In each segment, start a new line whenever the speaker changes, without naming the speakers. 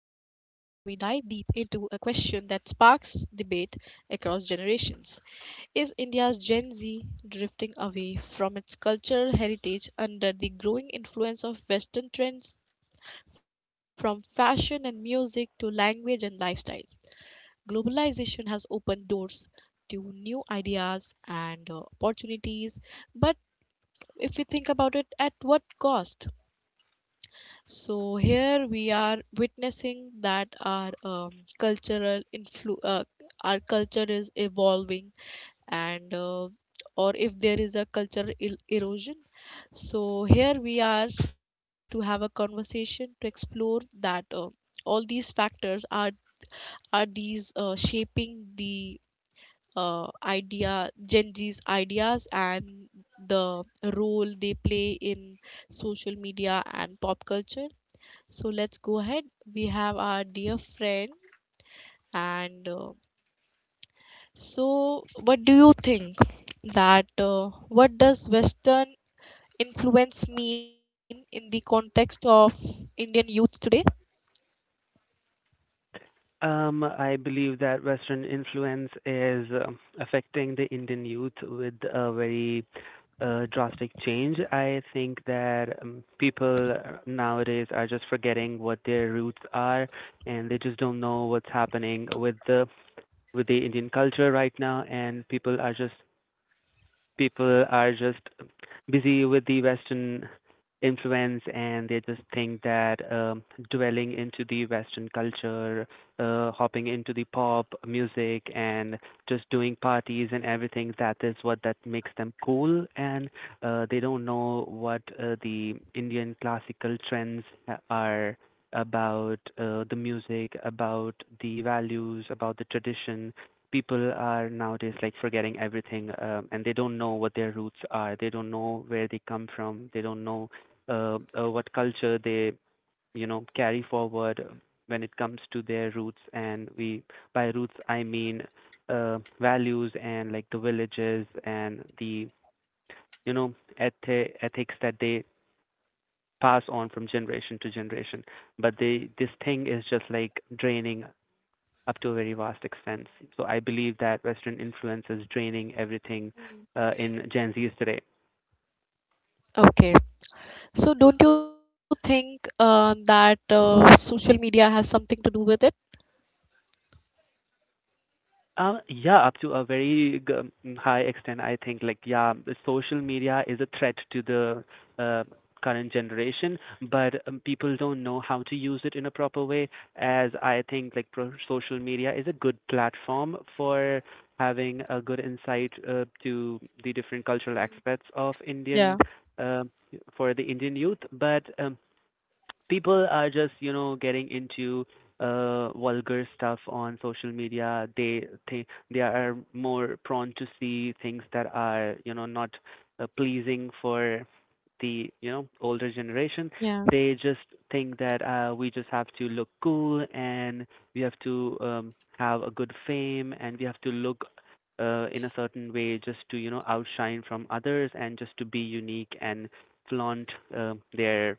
we dive deep into a question that sparks debate across generations. Is India's Gen Z drifting away from its cultural heritage under the growing influence of Western trends, from fashion and music to language and lifestyle? Globalization has opened doors to new ideas and opportunities, but if we think about it, at what cost? So here we are witnessing that our cultural influ our culture is evolving and or if there is a erosion. So here we are to have a conversation to explore that all these factors are these shaping the idea Gen Z's ideas and the role they play in social media and pop culture, so let's go ahead. We have our dear friend, and so what do you think that what does Western influence mean in the context of Indian youth today?
I believe that Western influence is affecting the Indian youth with a very drastic change. I think that people nowadays are just forgetting what their roots are, and they just don't know what's happening with the Indian culture right now. And people are just busy with the Western influence, and they just think that dwelling into the Western culture, hopping into the pop music, and just doing parties and everything, that is what that makes them cool. And they don't know what the Indian classical trends are about, the music, about the values, about the tradition. People are nowadays like forgetting everything, and they don't know what their roots are, they don't know where they come from, they don't know what culture they carry forward when it comes to their roots. And we by roots I mean values and like the villages and the you know ethics that they pass on from generation to generation. But they this thing is just like draining up to a very vast extent. So I believe that Western influence is draining everything
Mm.
in Gen Zs today.
Okay, so don't you think that social media has something to do with it?
Yeah, up to a very high extent, I think. Like, yeah, the social media is a threat to the uh, current generation, but people don't know how to use it in a proper way. As I think, like, social media is a good platform for having a good insight to the different cultural
Mm.
aspects of
Yeah,
Indian uh, for the Indian youth, but people are just getting into vulgar stuff on social media. They are more prone to see things that are not pleasing for the older generation.
yeah,
They just think that we just have to look cool, and we have to have a good fame, and we have to look in a certain way just to outshine from others and just to be unique and flaunt their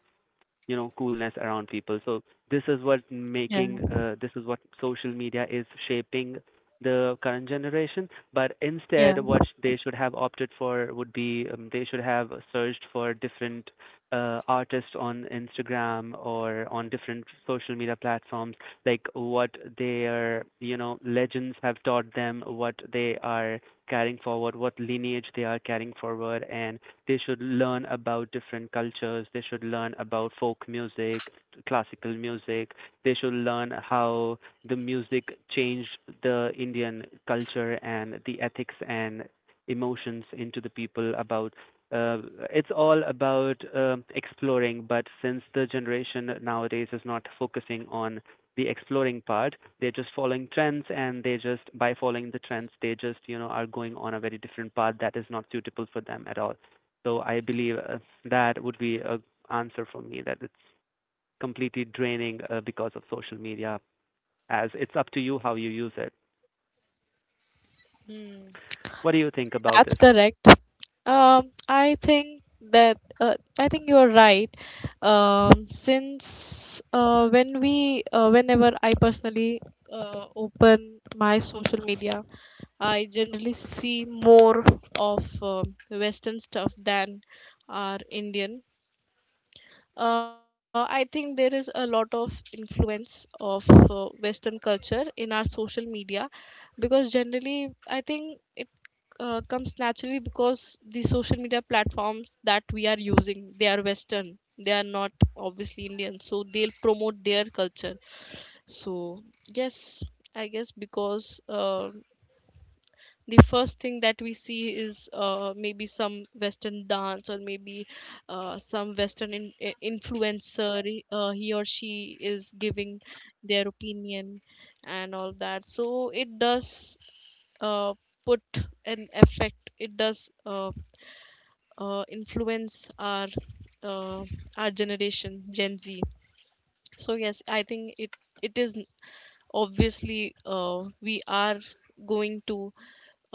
coolness around people. So
yeah,
this is what social media is shaping the current generation. But instead
yeah.
what they should have opted for would be they should have searched for different artists on Instagram or on different social media platforms, like what their legends have taught them, what they are carrying forward, what lineage they are carrying forward. And they should learn about different cultures. They should learn about folk music, classical music. They should learn how the music changed the Indian culture and the ethics and emotions into the people about uh, it's all about exploring. But since the generation nowadays is not focusing on the exploring part, they're just following trends, and they just by following the trends they just are going on a very different path that is not suitable for them at all. So I believe that would be a answer from me, that it's completely draining because of social media, as it's up to you how you use it.
Mm,
What do you think about
that's
this?
correct. I think that I think you are right. Since when we whenever I personally open my social media, I generally see more of Western stuff than our Indian. I think there is a lot of influence of Western culture in our social media because generally, I think it comes naturally because the social media platforms that we are using, they are Western. They are not obviously Indian, so they'll promote their culture. So yes, I guess because the first thing that we see is maybe some western dance, or maybe some western influencer, he or she is giving their opinion and all that, so it does uh, put an effect, it does influence uh, our generation, Gen Z. So yes, I think it is n- obviously we are going to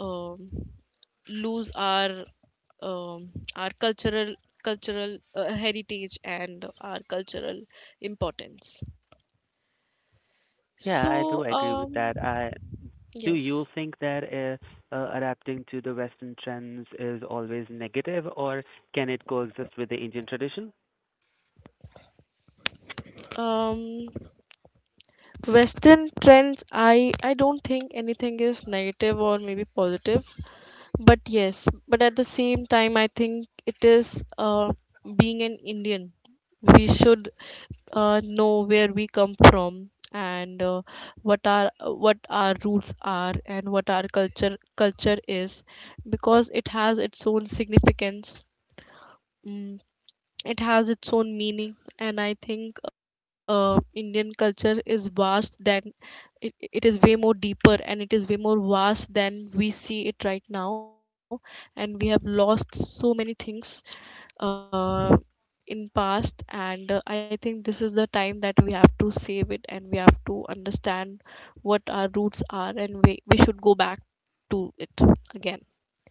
um, lose um, our cultural heritage and our cultural importance,
Yeah, I do
so
agree with
um,
that. I do you
yes,
think that adapting to the Western trends is always negative, or can it coexist with the Indian tradition?
um, western trends, I don't think anything is negative or maybe positive, but yes, but at the same time I think it is uh, being an Indian we should know where we come from and what our roots are and what our culture is, because it has its own significance. Mm, it has its own meaning, and I think Indian culture is vast than it, it is way more deeper and it is way more vast than we see it right now, and we have lost so many things uh, in past, and I think this is the time that we have to save it and we have to understand what our roots are, and we should go back to it again.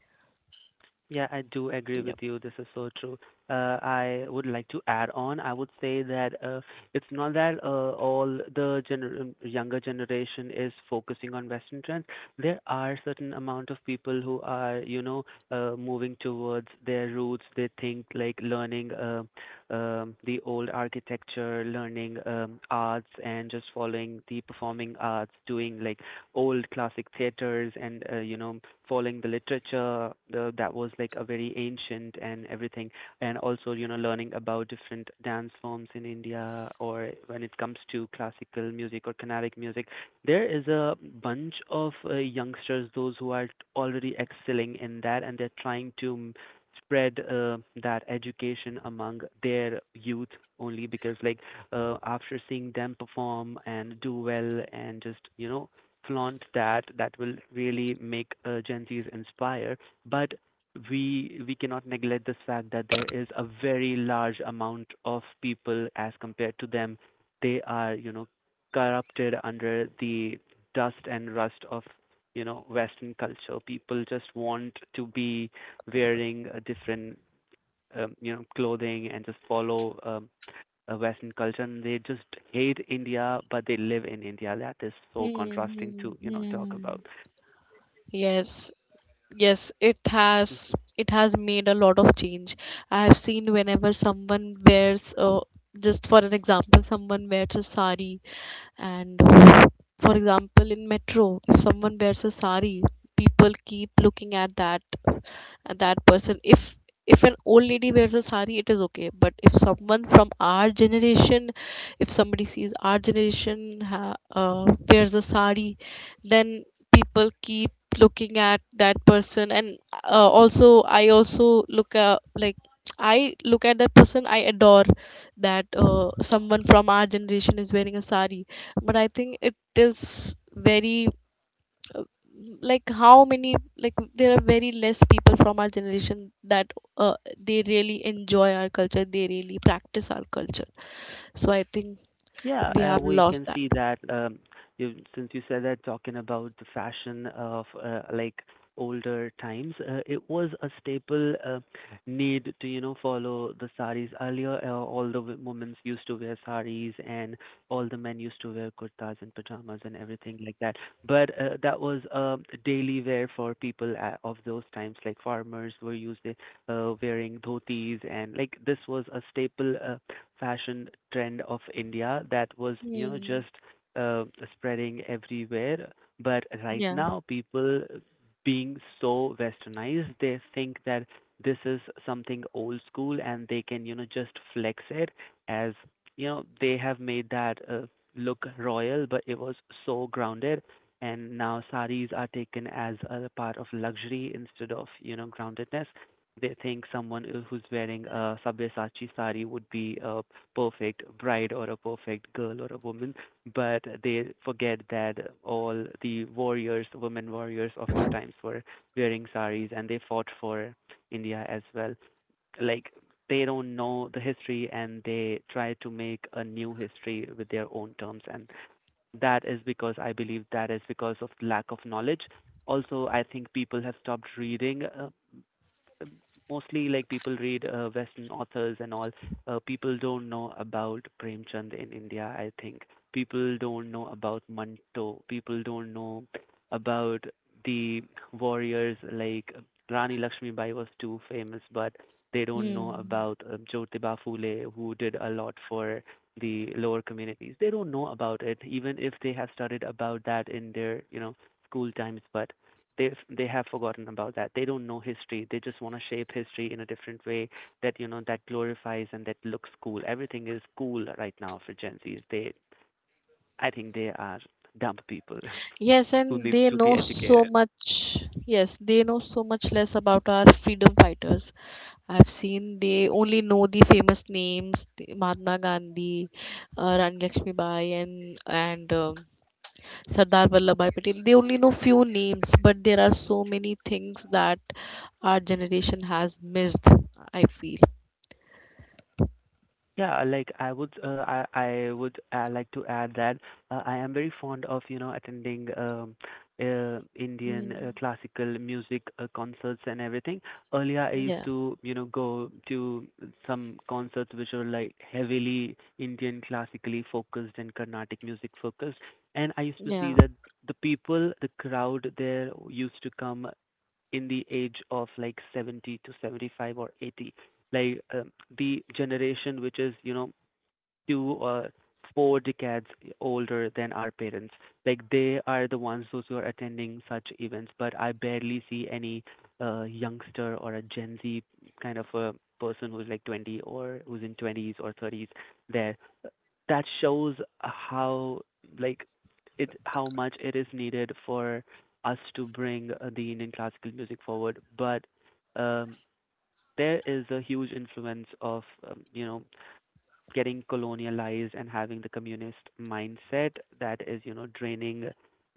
Yeah, I do agree with you. This is
Yeah.
so true. I would like to add on. I would say that it's not that all the younger generation is focusing on Western trends. There are certain amount of people who are, moving towards their roots. They think like learning the old architecture, learning arts, and just following the performing arts, doing like old classic theaters and following the literature that was like a very ancient and everything. And also learning about different dance forms in India, or when it comes to classical music or Carnatic music, there is a bunch of youngsters those who are already excelling in that, and they're trying to spread that education among their youth, only because like after seeing them perform and do well and just flaunt that, that will really make Gen Zs inspire. But we cannot neglect this fact that there is a very large amount of people as compared to them. They are corrupted under the dust and rust of Western culture. People just want to be wearing a different clothing and just follow Western culture, and they just hate India, but they live in India. That is so contrasting
Hmm.
to talk
Hmm.
about.
Yes, yes, it has, it has made a lot of change. I have seen whenever someone wears just for an example, someone wears a sari, and for example, in metro if someone wears a sari, people keep looking at that, that person. If an old lady wears a sari it is okay, but if someone from our generation, if somebody sees our generation wears a sari, then people keep looking at that person, and also I also look like I look at that person, I adore that someone from our generation is wearing a sari. But I think it is very uh, like how many, like there are very less people from our generation that they really enjoy our culture, they really practice our culture, so I think
Yeah,
we have
we
lost
can
that.
see that since you said that, talking about the fashion of like older times, it was a staple need to follow the saris. Earlier, all the women used to wear saris, and all the men used to wear kurtas and pajamas and everything like that. But that was daily wear for people of those times. Like farmers were used to wearing dhotis, and like this was a staple fashion trend of India that was,
Hmm.
just uh, spreading everywhere. But right
Yeah.
now, people being so westernized, they think that this is something old school and they can, just flex it as, they have made that look royal, but it was so grounded. And now saris are taken as a part of luxury instead of, groundedness. They think someone who's wearing a Sabyasachi sari would be a perfect bride or a perfect girl or a woman, but they forget that all the warriors, women warriors of our times were wearing saris and they fought for India as well. Like they don't know the history and they try to make a new history with their own terms, and that is because, I believe, that is because of lack of knowledge. Also, I think people have stopped reading. Mostly like people read Western authors and all. People don't know about Premchand in India. I think people don't know about Manto. People don't know about the warriors like Rani Lakshmibai was too famous, but they don't know
Hmm.
about Jyotiba Phule, who did a lot for the lower communities. They don't know about it, even if they have studied about that in their school times. But they have forgotten about that. They don't know history. They just want to shape history in a different way that that glorifies and that looks cool. Everything is cool right now for Gen Zs. They, I think, they are dumb people
Yes,
who
and
needs
they
to be
know so
educated.
much. Yes, they know so much less about our freedom fighters. I've seen they only know the famous names, the Mahatma Gandhi, Rani Lakshmi Bai, and Sardar Vallabhbhai Patel. They only know few names, but there are so many things that our generation has missed. I feel.
Yeah, like I would, uh, I would like to add that I am very fond of attending Indian
Mm.
classical music concerts and everything. Earlier, I used
Yeah.
to go to some concerts which were like heavily Indian classically focused and Carnatic music focused, and I used to
Yeah.
see that the people, the crowd there used to come in the age of like 70 to 75 or 80, like the generation which is two or four decades older than our parents, like they are the ones those who are attending such events. But I barely see any youngster or a Gen Z kind of a person who's like 20 or who's in 20s or 30s there. That shows how, like, it how much it is needed for us to bring the Indian classical music forward. But um, there is a huge influence of getting colonialized and having the communist mindset that is, you know, draining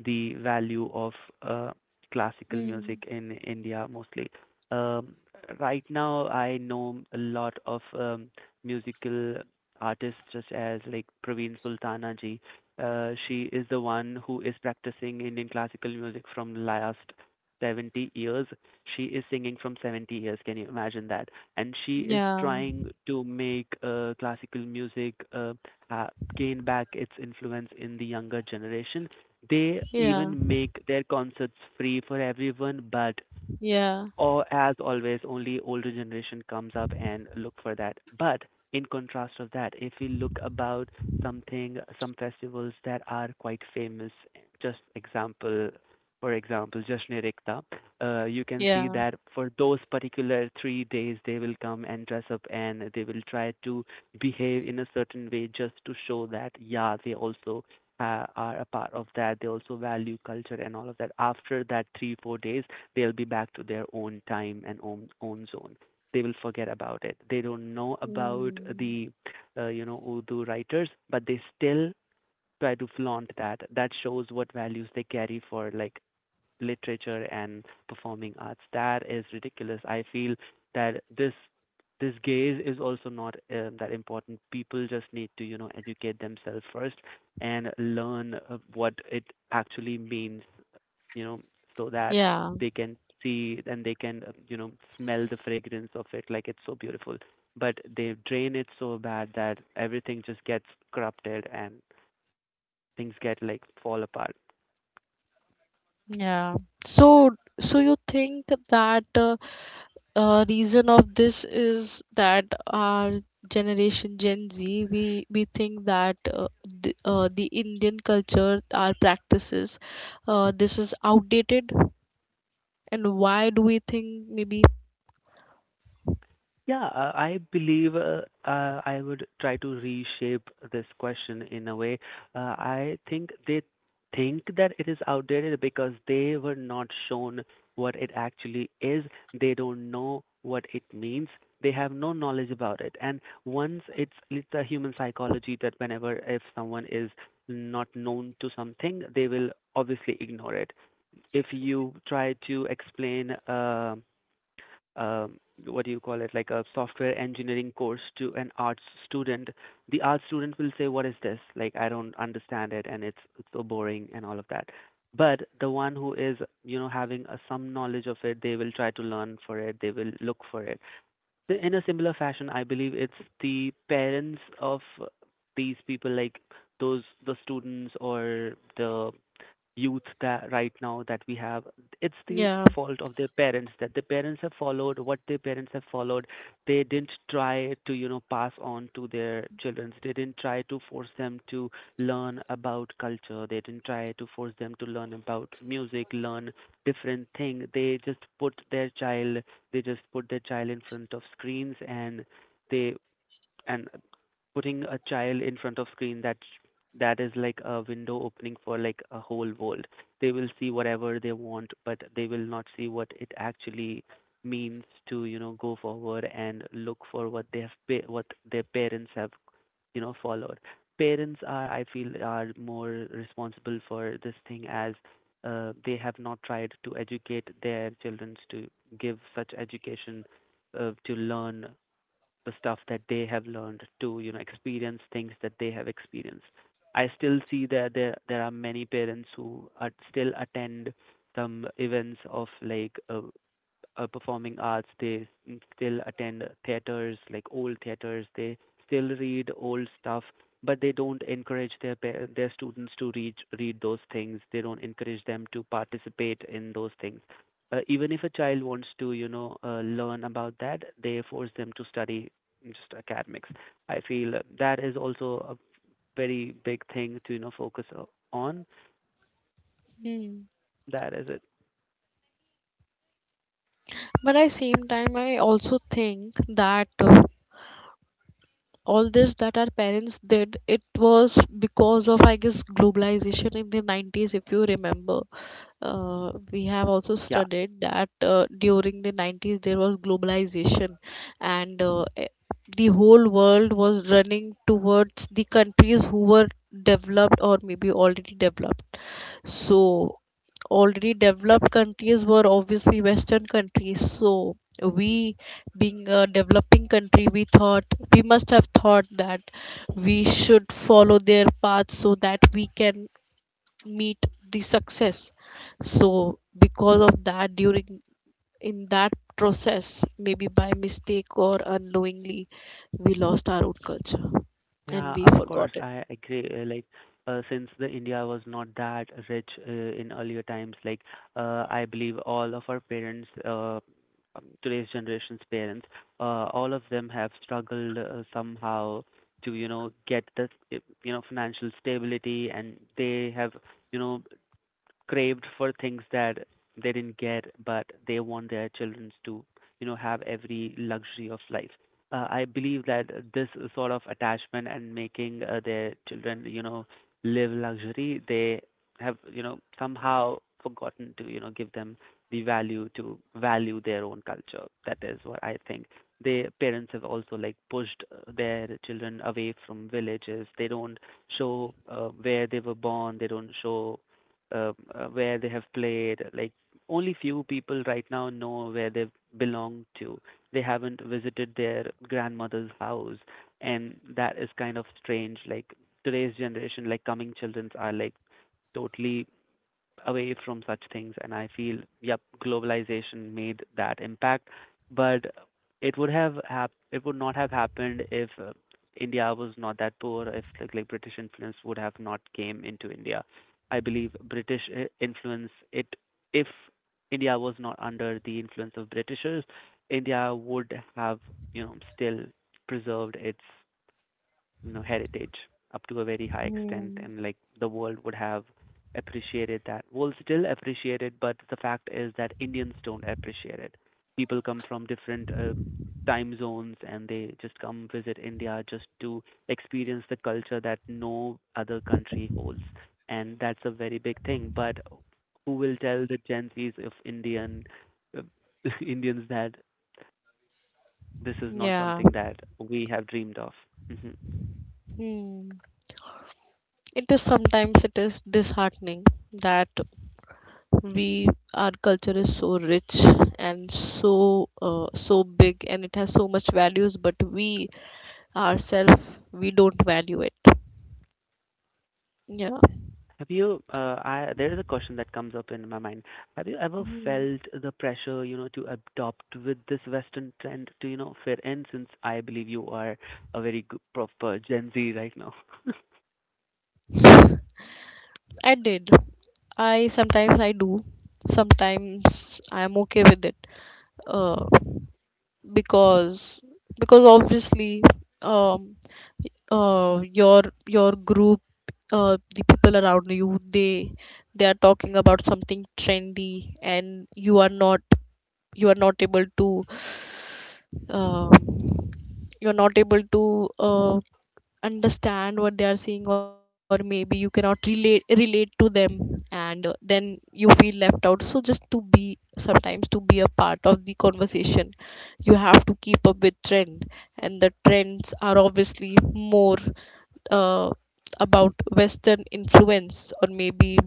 the value of uh, classical music
Mm.
in India mostly. Um, right now, I know a lot of musical artists, such as like Praveen Sultana ji. She is the one who is practicing Indian classical music from last 70 years. She is singing from 70 years. Can you imagine that? And she is
Yeah.
trying to make classical music ha- gain back its influence in the younger generation. They
Yeah.
even make their concerts free for everyone, but
Yeah.
or as always only older generation comes up and look for that, but in contrast of that, if we look about something, some festivals that are quite famous, just example for example Jashn-e Rikhta, you can see
Yeah.
that for those particular 3 days they will come and dress up and they will try to behave in a certain way just to show that yeah they also are a part of that, they also value culture and all of that. After that 3 4 days they'll be back to their own time and own zone. They will forget about it. They don't know about
Mm.
the Urdu writers, but they still try to flaunt that. That shows what values they carry for like literature and performing arts. That is ridiculous. I feel that this gaze is also not that important. People just need to educate themselves first and learn what it actually means, you know, so that
Yeah.
they can see, and they can, smell the fragrance of it. Like, it's so beautiful. But they drain it so bad that everything just gets corrupted and things get like fall apart.
Yeah. So, so you think that reason of this is that our generation, Gen Z, we think that the Indian culture, our practices, this is outdated, and why do we think maybe
Yeah, I believe I would try to reshape this question in a way. I think they think that it is outdated because they were not shown what it actually is. They don't know what it means. They have no knowledge about it. And once it's a human psychology that whenever, if someone is not known to something, they will obviously ignore it. If you try to explain um, what do you call it, like a software engineering course to an arts student, the arts student will say, "What is this? Like, I don't understand it, and it's so boring and all of that." But the one who is, you know, having a, some knowledge of it, they will try to learn for it. They will look for it. In a similar fashion, I believe it's the parents of these people, like those the students or the youth that right now that we have, it's the
yeah.
fault of their parents, that their parents have followed what their parents have followed. They didn't try to, you know, pass on to their children. They didn't try to force them to learn about culture. They didn't try to force them to learn about music, learn different thing. They just put their child, they just put their child in front of screens, they and putting a child in front of screen, that is like a window opening for like a whole world. They will see whatever they want, but they will not see what it actually means to, you know, go forward and look for what they have what their parents have, you know, followed. Parents are, I feel, are more responsible for this thing, as they have not tried to educate their children, to give such education, to learn the stuff that they have learned, to, you know, experience things that they have experienced. I still see that there are many parents who are still attend some events of like performing arts. They still attend theaters, like old theaters. They still read old stuff, but they don't encourage their their students to read those things. They don't encourage them to participate in those things. Even if a child wants to, you know, learn about that, they force them to study just academics. I feel that is also a very big thing to, you know, focus on.
Hmm.
That is it.
But at same time, I also think that all this that our parents did, it was because of I guess globalization in the 90s, if you remember, we have also
Yeah.
studied that during the 90s there was globalization, and the whole world was running towards the countries who were developed or maybe already developed, so already
Yep.
developed countries were obviously western countries, so we, being a developing country, we thought, we must have thought that we should follow their path so that we can meet the success, so because of that during in that process, maybe by mistake or unknowingly, we lost our own culture and
Yeah,
we
of
forgot
course,
it.
I agree. Like, since the India was not that rich in earlier times, like, I believe all of our parents, today's generation's parents, all of them have struggled somehow to, you know, get the, you know, financial stability, and they have, you know, craved for things that they didn't get, but they want their children to, have every luxury of life. I believe that this sort of attachment and making their children, you know, live luxury, they have, you know, somehow forgotten to, give them the value to value their own culture. That is what I think. The parents have also like pushed their children away from villages. They don't show where they were born. They don't show where they have played. Like, only few people right now know where they belong to. They haven't visited their grandmother's house, and that is kind of strange. Like, today's generation, like coming children, are like totally away from such things. And I feel, yep, globalization made that impact, but it would have it would not have happened if India was not that poor, if like, British influence would have not came into India. I believe British influence, it, if India was not under the influence of Britishers, India would have, you know, still preserved its, you know, heritage up to a very high extent,
Hmm.
and like the world would have appreciated that, will still appreciate it. But the fact is that Indians don't appreciate it. People come from different time zones and they just come visit India just to experience the culture that no other country holds, and that's a very big thing. But who will tell the Gen Z's of indian uh, Indians that this is not
Yeah.
something that we have dreamed of? Hmm.
Hmm. It is, sometimes it is disheartening that we, our culture is so rich and so so big and it has so much values, but we ourselves, we don't value it. Yeah.
There is a question that comes up in my mind. Have you ever
Hmm.
felt the pressure, you know, to adopt with this Western trend, to, you know, fit in, since I believe you are a very good, proper Gen Z right now?
I did. I, sometimes I do. Sometimes I'm okay with it. Uh, because because obviously, um, uh, your group, uh, the people around you, they are talking about something trendy and you are not, you are not able to um, you're not able to understand what they are saying or maybe you cannot relate to them, and then you feel left out, so just to be sometimes, to be a part of the conversation you have to keep up with trend, and the trends are obviously more uh, about western influence or maybe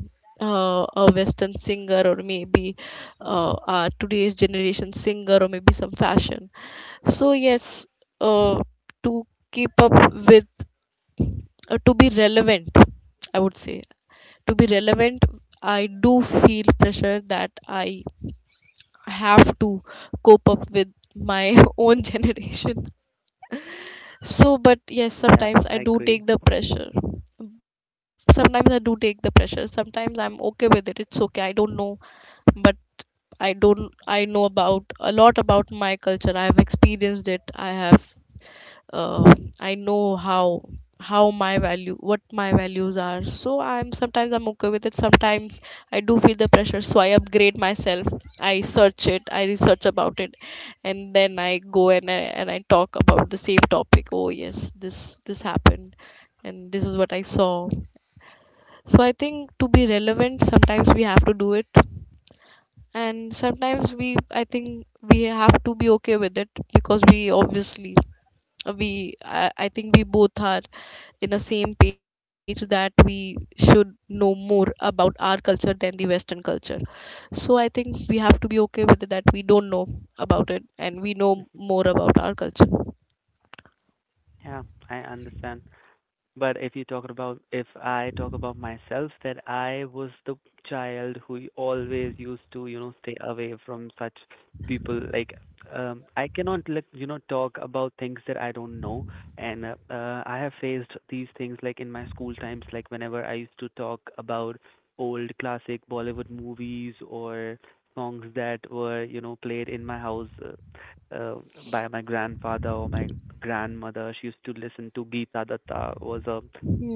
a western singer or maybe a today's generation singer or maybe some fashion. So yes, uh, to keep up with, to be relevant, I would say, to be relevant, I do feel pressure that I have to cope up with my own generation. So, but yes,
Yeah,
sometimes I
I
do
agree.
take the pressure. Sometimes I do take the pressure. Sometimes I'm okay with it. It's okay. I don't know, but I don't. I know about a lot about my culture. I have experienced it. Uh, I know how my value, what my values are, so I'm, sometimes I'm okay with it, sometimes I do feel the pressure, so I upgrade myself, I search it, I research about it, and then I go and I talk about the same topic, oh yes this, this happened and this is what I saw. So I think to be relevant sometimes we have to do it, and sometimes we, I think we have to be okay with it because we obviously, I think we both are in the same page that we should know more about our culture than the western culture, so I think we have to be okay with it that we don't know about it and we know
Mhm.
more about our culture.
Yeah, I understand. But if you talk about, if I talk about myself, that I was the child who always used to, you know, stay away from such people. Like, I cannot, like, you know, talk about things that I don't know. And I have faced these things, like in my school times, like, whenever I used to talk about old classic Bollywood movies or songs that were, you know, played in my house, uh, by my grandfather or my grandmother. She used to listen to Geeta Datta, was a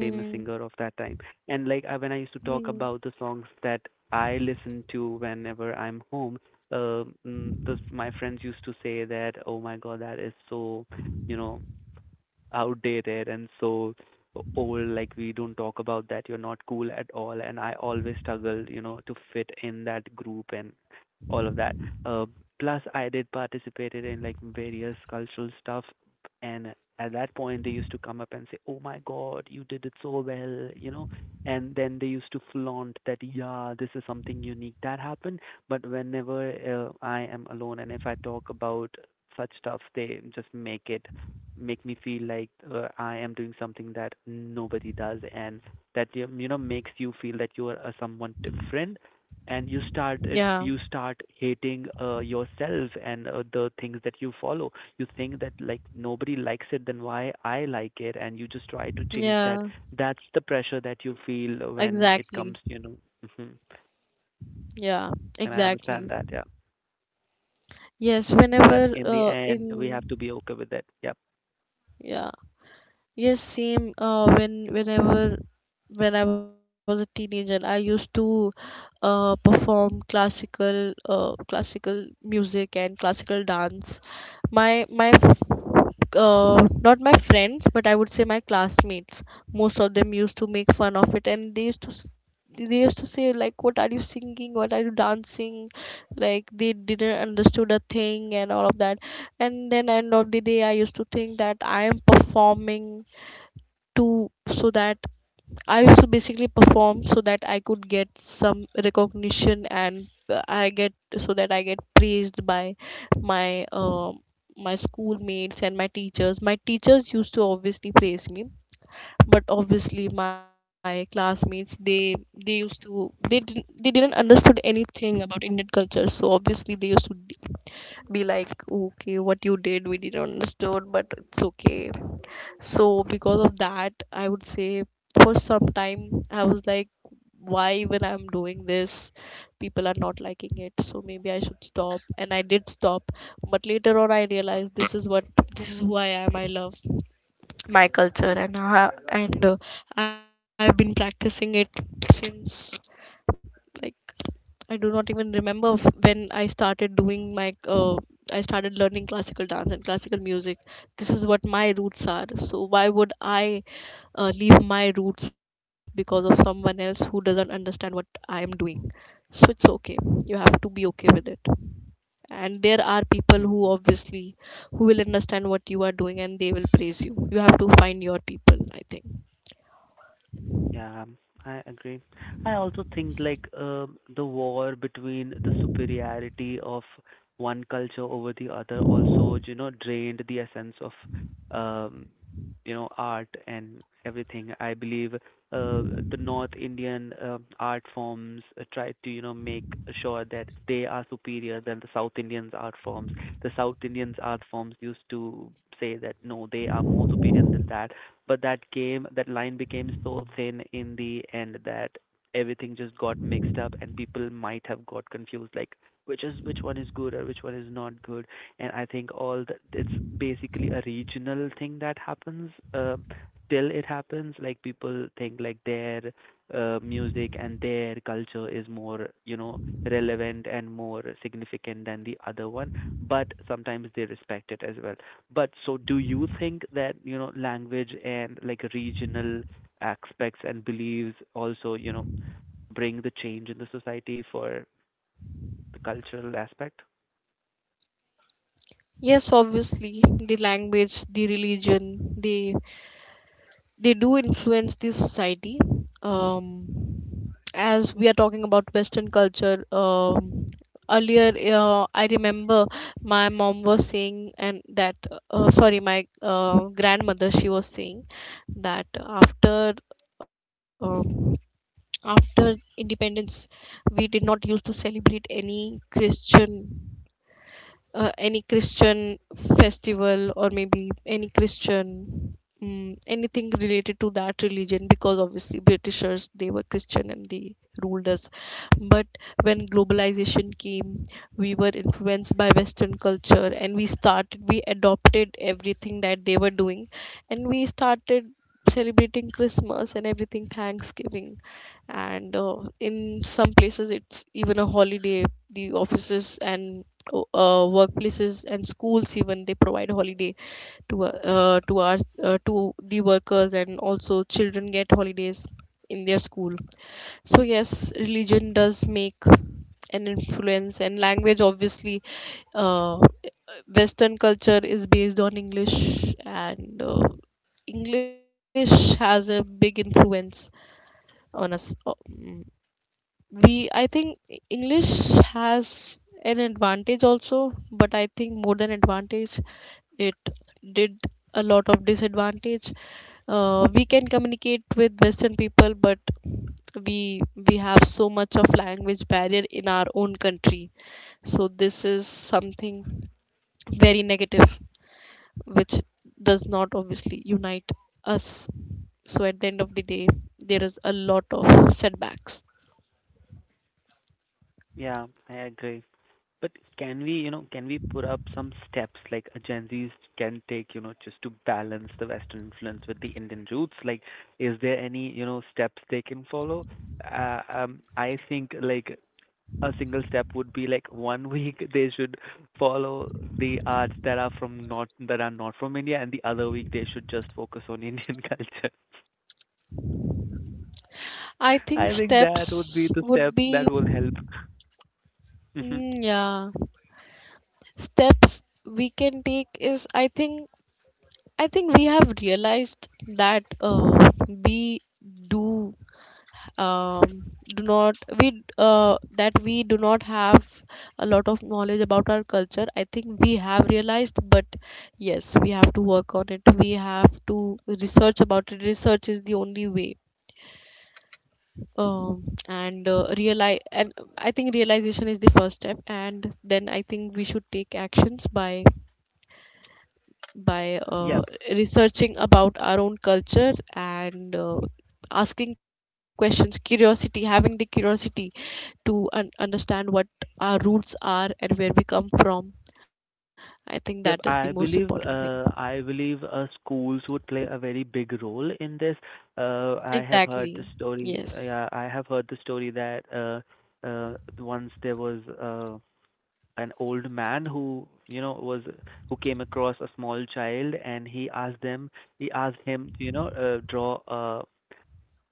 famous singer of that time. And like, I, when I
Hmm.
used to talk about the songs that I listen to whenever I'm home, those, my friends used to say that, "Oh my God, that is so," you know, "outdated and so old. Like, we don't talk about that. You're not cool at all." And I always struggled, you know, to fit in that group and all of that. uh, Plus, I did participated in like various cultural stuff, and at that point they used to come up and say, "Oh my God, you did it so well, you know." And then they used to flaunt that, yeah, this is something unique that happened. But whenever I am alone and if I talk about such stuff, they just make me feel like I am doing something that nobody does, and that, you know, makes you feel that you are someone different, and
Yeah.
you start hating yourself and the things that you follow. You think that like nobody likes it, then why I like it, and you just try to change that.
Yeah.
That's the pressure that you feel when it
Exactly.
comes, you know. Hmm.
Yeah.
And I
Exactly.
understand that, yeah.
Yes.
But
Whenever
in the end, we
in
have to be okay with it. Yep.
yeah. Yes, same. When whenever, when I was a teenager, I used to perform classical, classical music and classical dance. My not my friends, but I would say my classmates. Most of them used to make fun of it, and they used to say like, "What are you singing? What are you dancing?" Like they didn't understood a thing and all of that. And then end of the day, I used to think that I am performing to, so that I used to basically perform so that I could get some recognition and I get, so that I get praised by my uh my schoolmates and my teachers, my teachers used to obviously praise me, but obviously my classmates, they used to, they didn't understood anything about Indian culture, so obviously they used to be like, okay what you did, we didn't understood but it's okay. So because of that, I would say for some time I was like, why even I'm doing this? People are not liking it, so maybe I should stop. And I did stop, but later on I realized this is what, this is who I am. I love my culture, and I've been practicing it since. Like. I do not even remember when I started doing my I started learning classical dance and classical music. This is what my roots are. So why would I leave my roots because of someone else who doesn't understand what I am doing? So it's okay. You have to be okay with it. And there are people who
Hmm.
obviously, who will understand what you are doing and they will praise you. You have to find your people, I think.
Yeah, I agree. I also think like, the war between the superiority of one culture over the other also, you know, drained the essence of um, art and everything. I believe the North Indian art forms tried to, make sure that they are superior than the South Indians art forms. The South Indians art forms used to say that no, they are more superior than that. But that came, that line became so thin in the end that everything just got mixed up, and people might have got confused, like which is which one is good or which one is not good. And I think all the, it's basically a regional thing that happens. Till it happens, like people think like their music and their culture is more, relevant and more significant than the other one. But sometimes they respect it as well. But so do you think that, language and like regional aspects and beliefs also, bring the change in the society for the cultural aspect?
Yes, obviously, the language, the religion, the, they do influence the society, um, as we are talking about western culture earlier, I remember my mom was saying and that sorry, my grandmother, she was saying that after um, after independence we did not used to celebrate any christian, any Christian festival, or maybe any Christian, mm, anything related to that religion, because obviously Britishers, they were Christian and they ruled us. But when globalization came, we were influenced by Western culture and we started, we adopted everything that they were doing, and we started celebrating Christmas and everything, Thanksgiving, and in some places it's even a holiday, the offices and workplaces and schools even, they provide holiday to our, to the workers, and also children get holidays in their school. So yes, religion does make an influence, and language obviously, uh, western culture is based on english, and english has a big influence on us, we, I think english has an advantage also, but I think more than advantage it did a lot of disadvantage. Uh, we can communicate with western people, but we we have so much of language barrier in our own country, so this is something very negative which does not obviously unite us, so at the end of the day there is a lot of setbacks.
Yeah, I agree. But can we, can we put up some steps like a Gen Zs can take, just to balance the Western influence with the Indian roots? Like, is there any, steps they can follow? I think like a single step would be like one week they should follow the arts that are from not that are not from India, and the other week they should just focus on Indian culture.
I think
I think that would be
steps
the
would
step that
be,
will help. Hmm.
mm, yeah, steps we can take is, I think, I think we have realized that we do um, do not, we that we do not have a lot of knowledge about our culture. I think we have realized, but yes, we have to work on it. We have to research about it. Research is the only way. Um, and realize, and I think realization is the first step, and then I think we should take actions by by uh,
Yep.
researching about our own culture, and asking questions, curiosity, having the curiosity to understand what our roots are and where we come from. I think that is the most
Yep,
important thing.
I believe schools would play a very big role in this. I have heard the
Exactly.
story.
Yes.
Yeah, I have heard the story that once there was an old man who, you know was who came across a small child, and he asked him to, draw a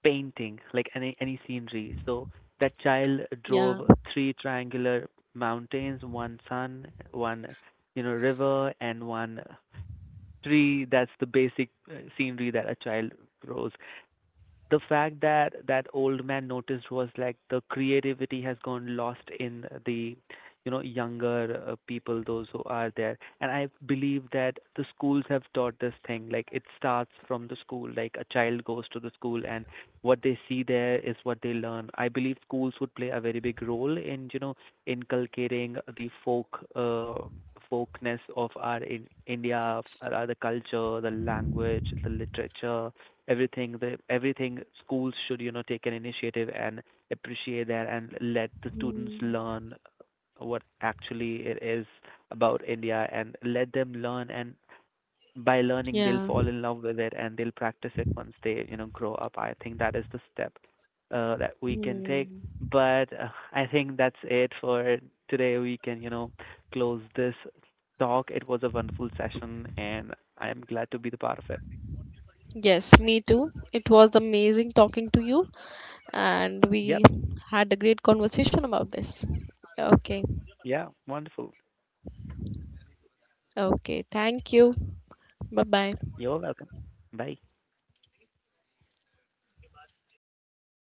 painting, like any, scenery. So that child
Yeah.
drove three triangular mountains, one sun, one, you know, river, and one tree. That's the basic scenery that a child draws. The fact that that old man noticed was like the creativity has gone lost in the, you know, younger people, those who are there. And I believe that the schools have taught this thing. Like, it starts from the school. Like, a child goes to the school, and what they see there is what they learn. I believe schools would play a very big role in, you know, inculcating the folkness of our, in India, the culture, the language, the literature, everything. Schools should, take an initiative and appreciate that, and let the students
Hmm.
learn what actually it is about India, and let them learn, and by learning they'll
Yeah.
fall in love with it, and they'll practice it once they, you know, grow up. I think that is the step that we can take.
Hmm.
But I think that's it for today. We can, close this talk. It was a wonderful session, and I'm glad to be the part of it.
Yes, me too, it was amazing talking to you, and we
Yep.
had a great conversation about this. Okay,
Yeah, wonderful.
okay, thank you. Bye bye.
You're welcome. Bye.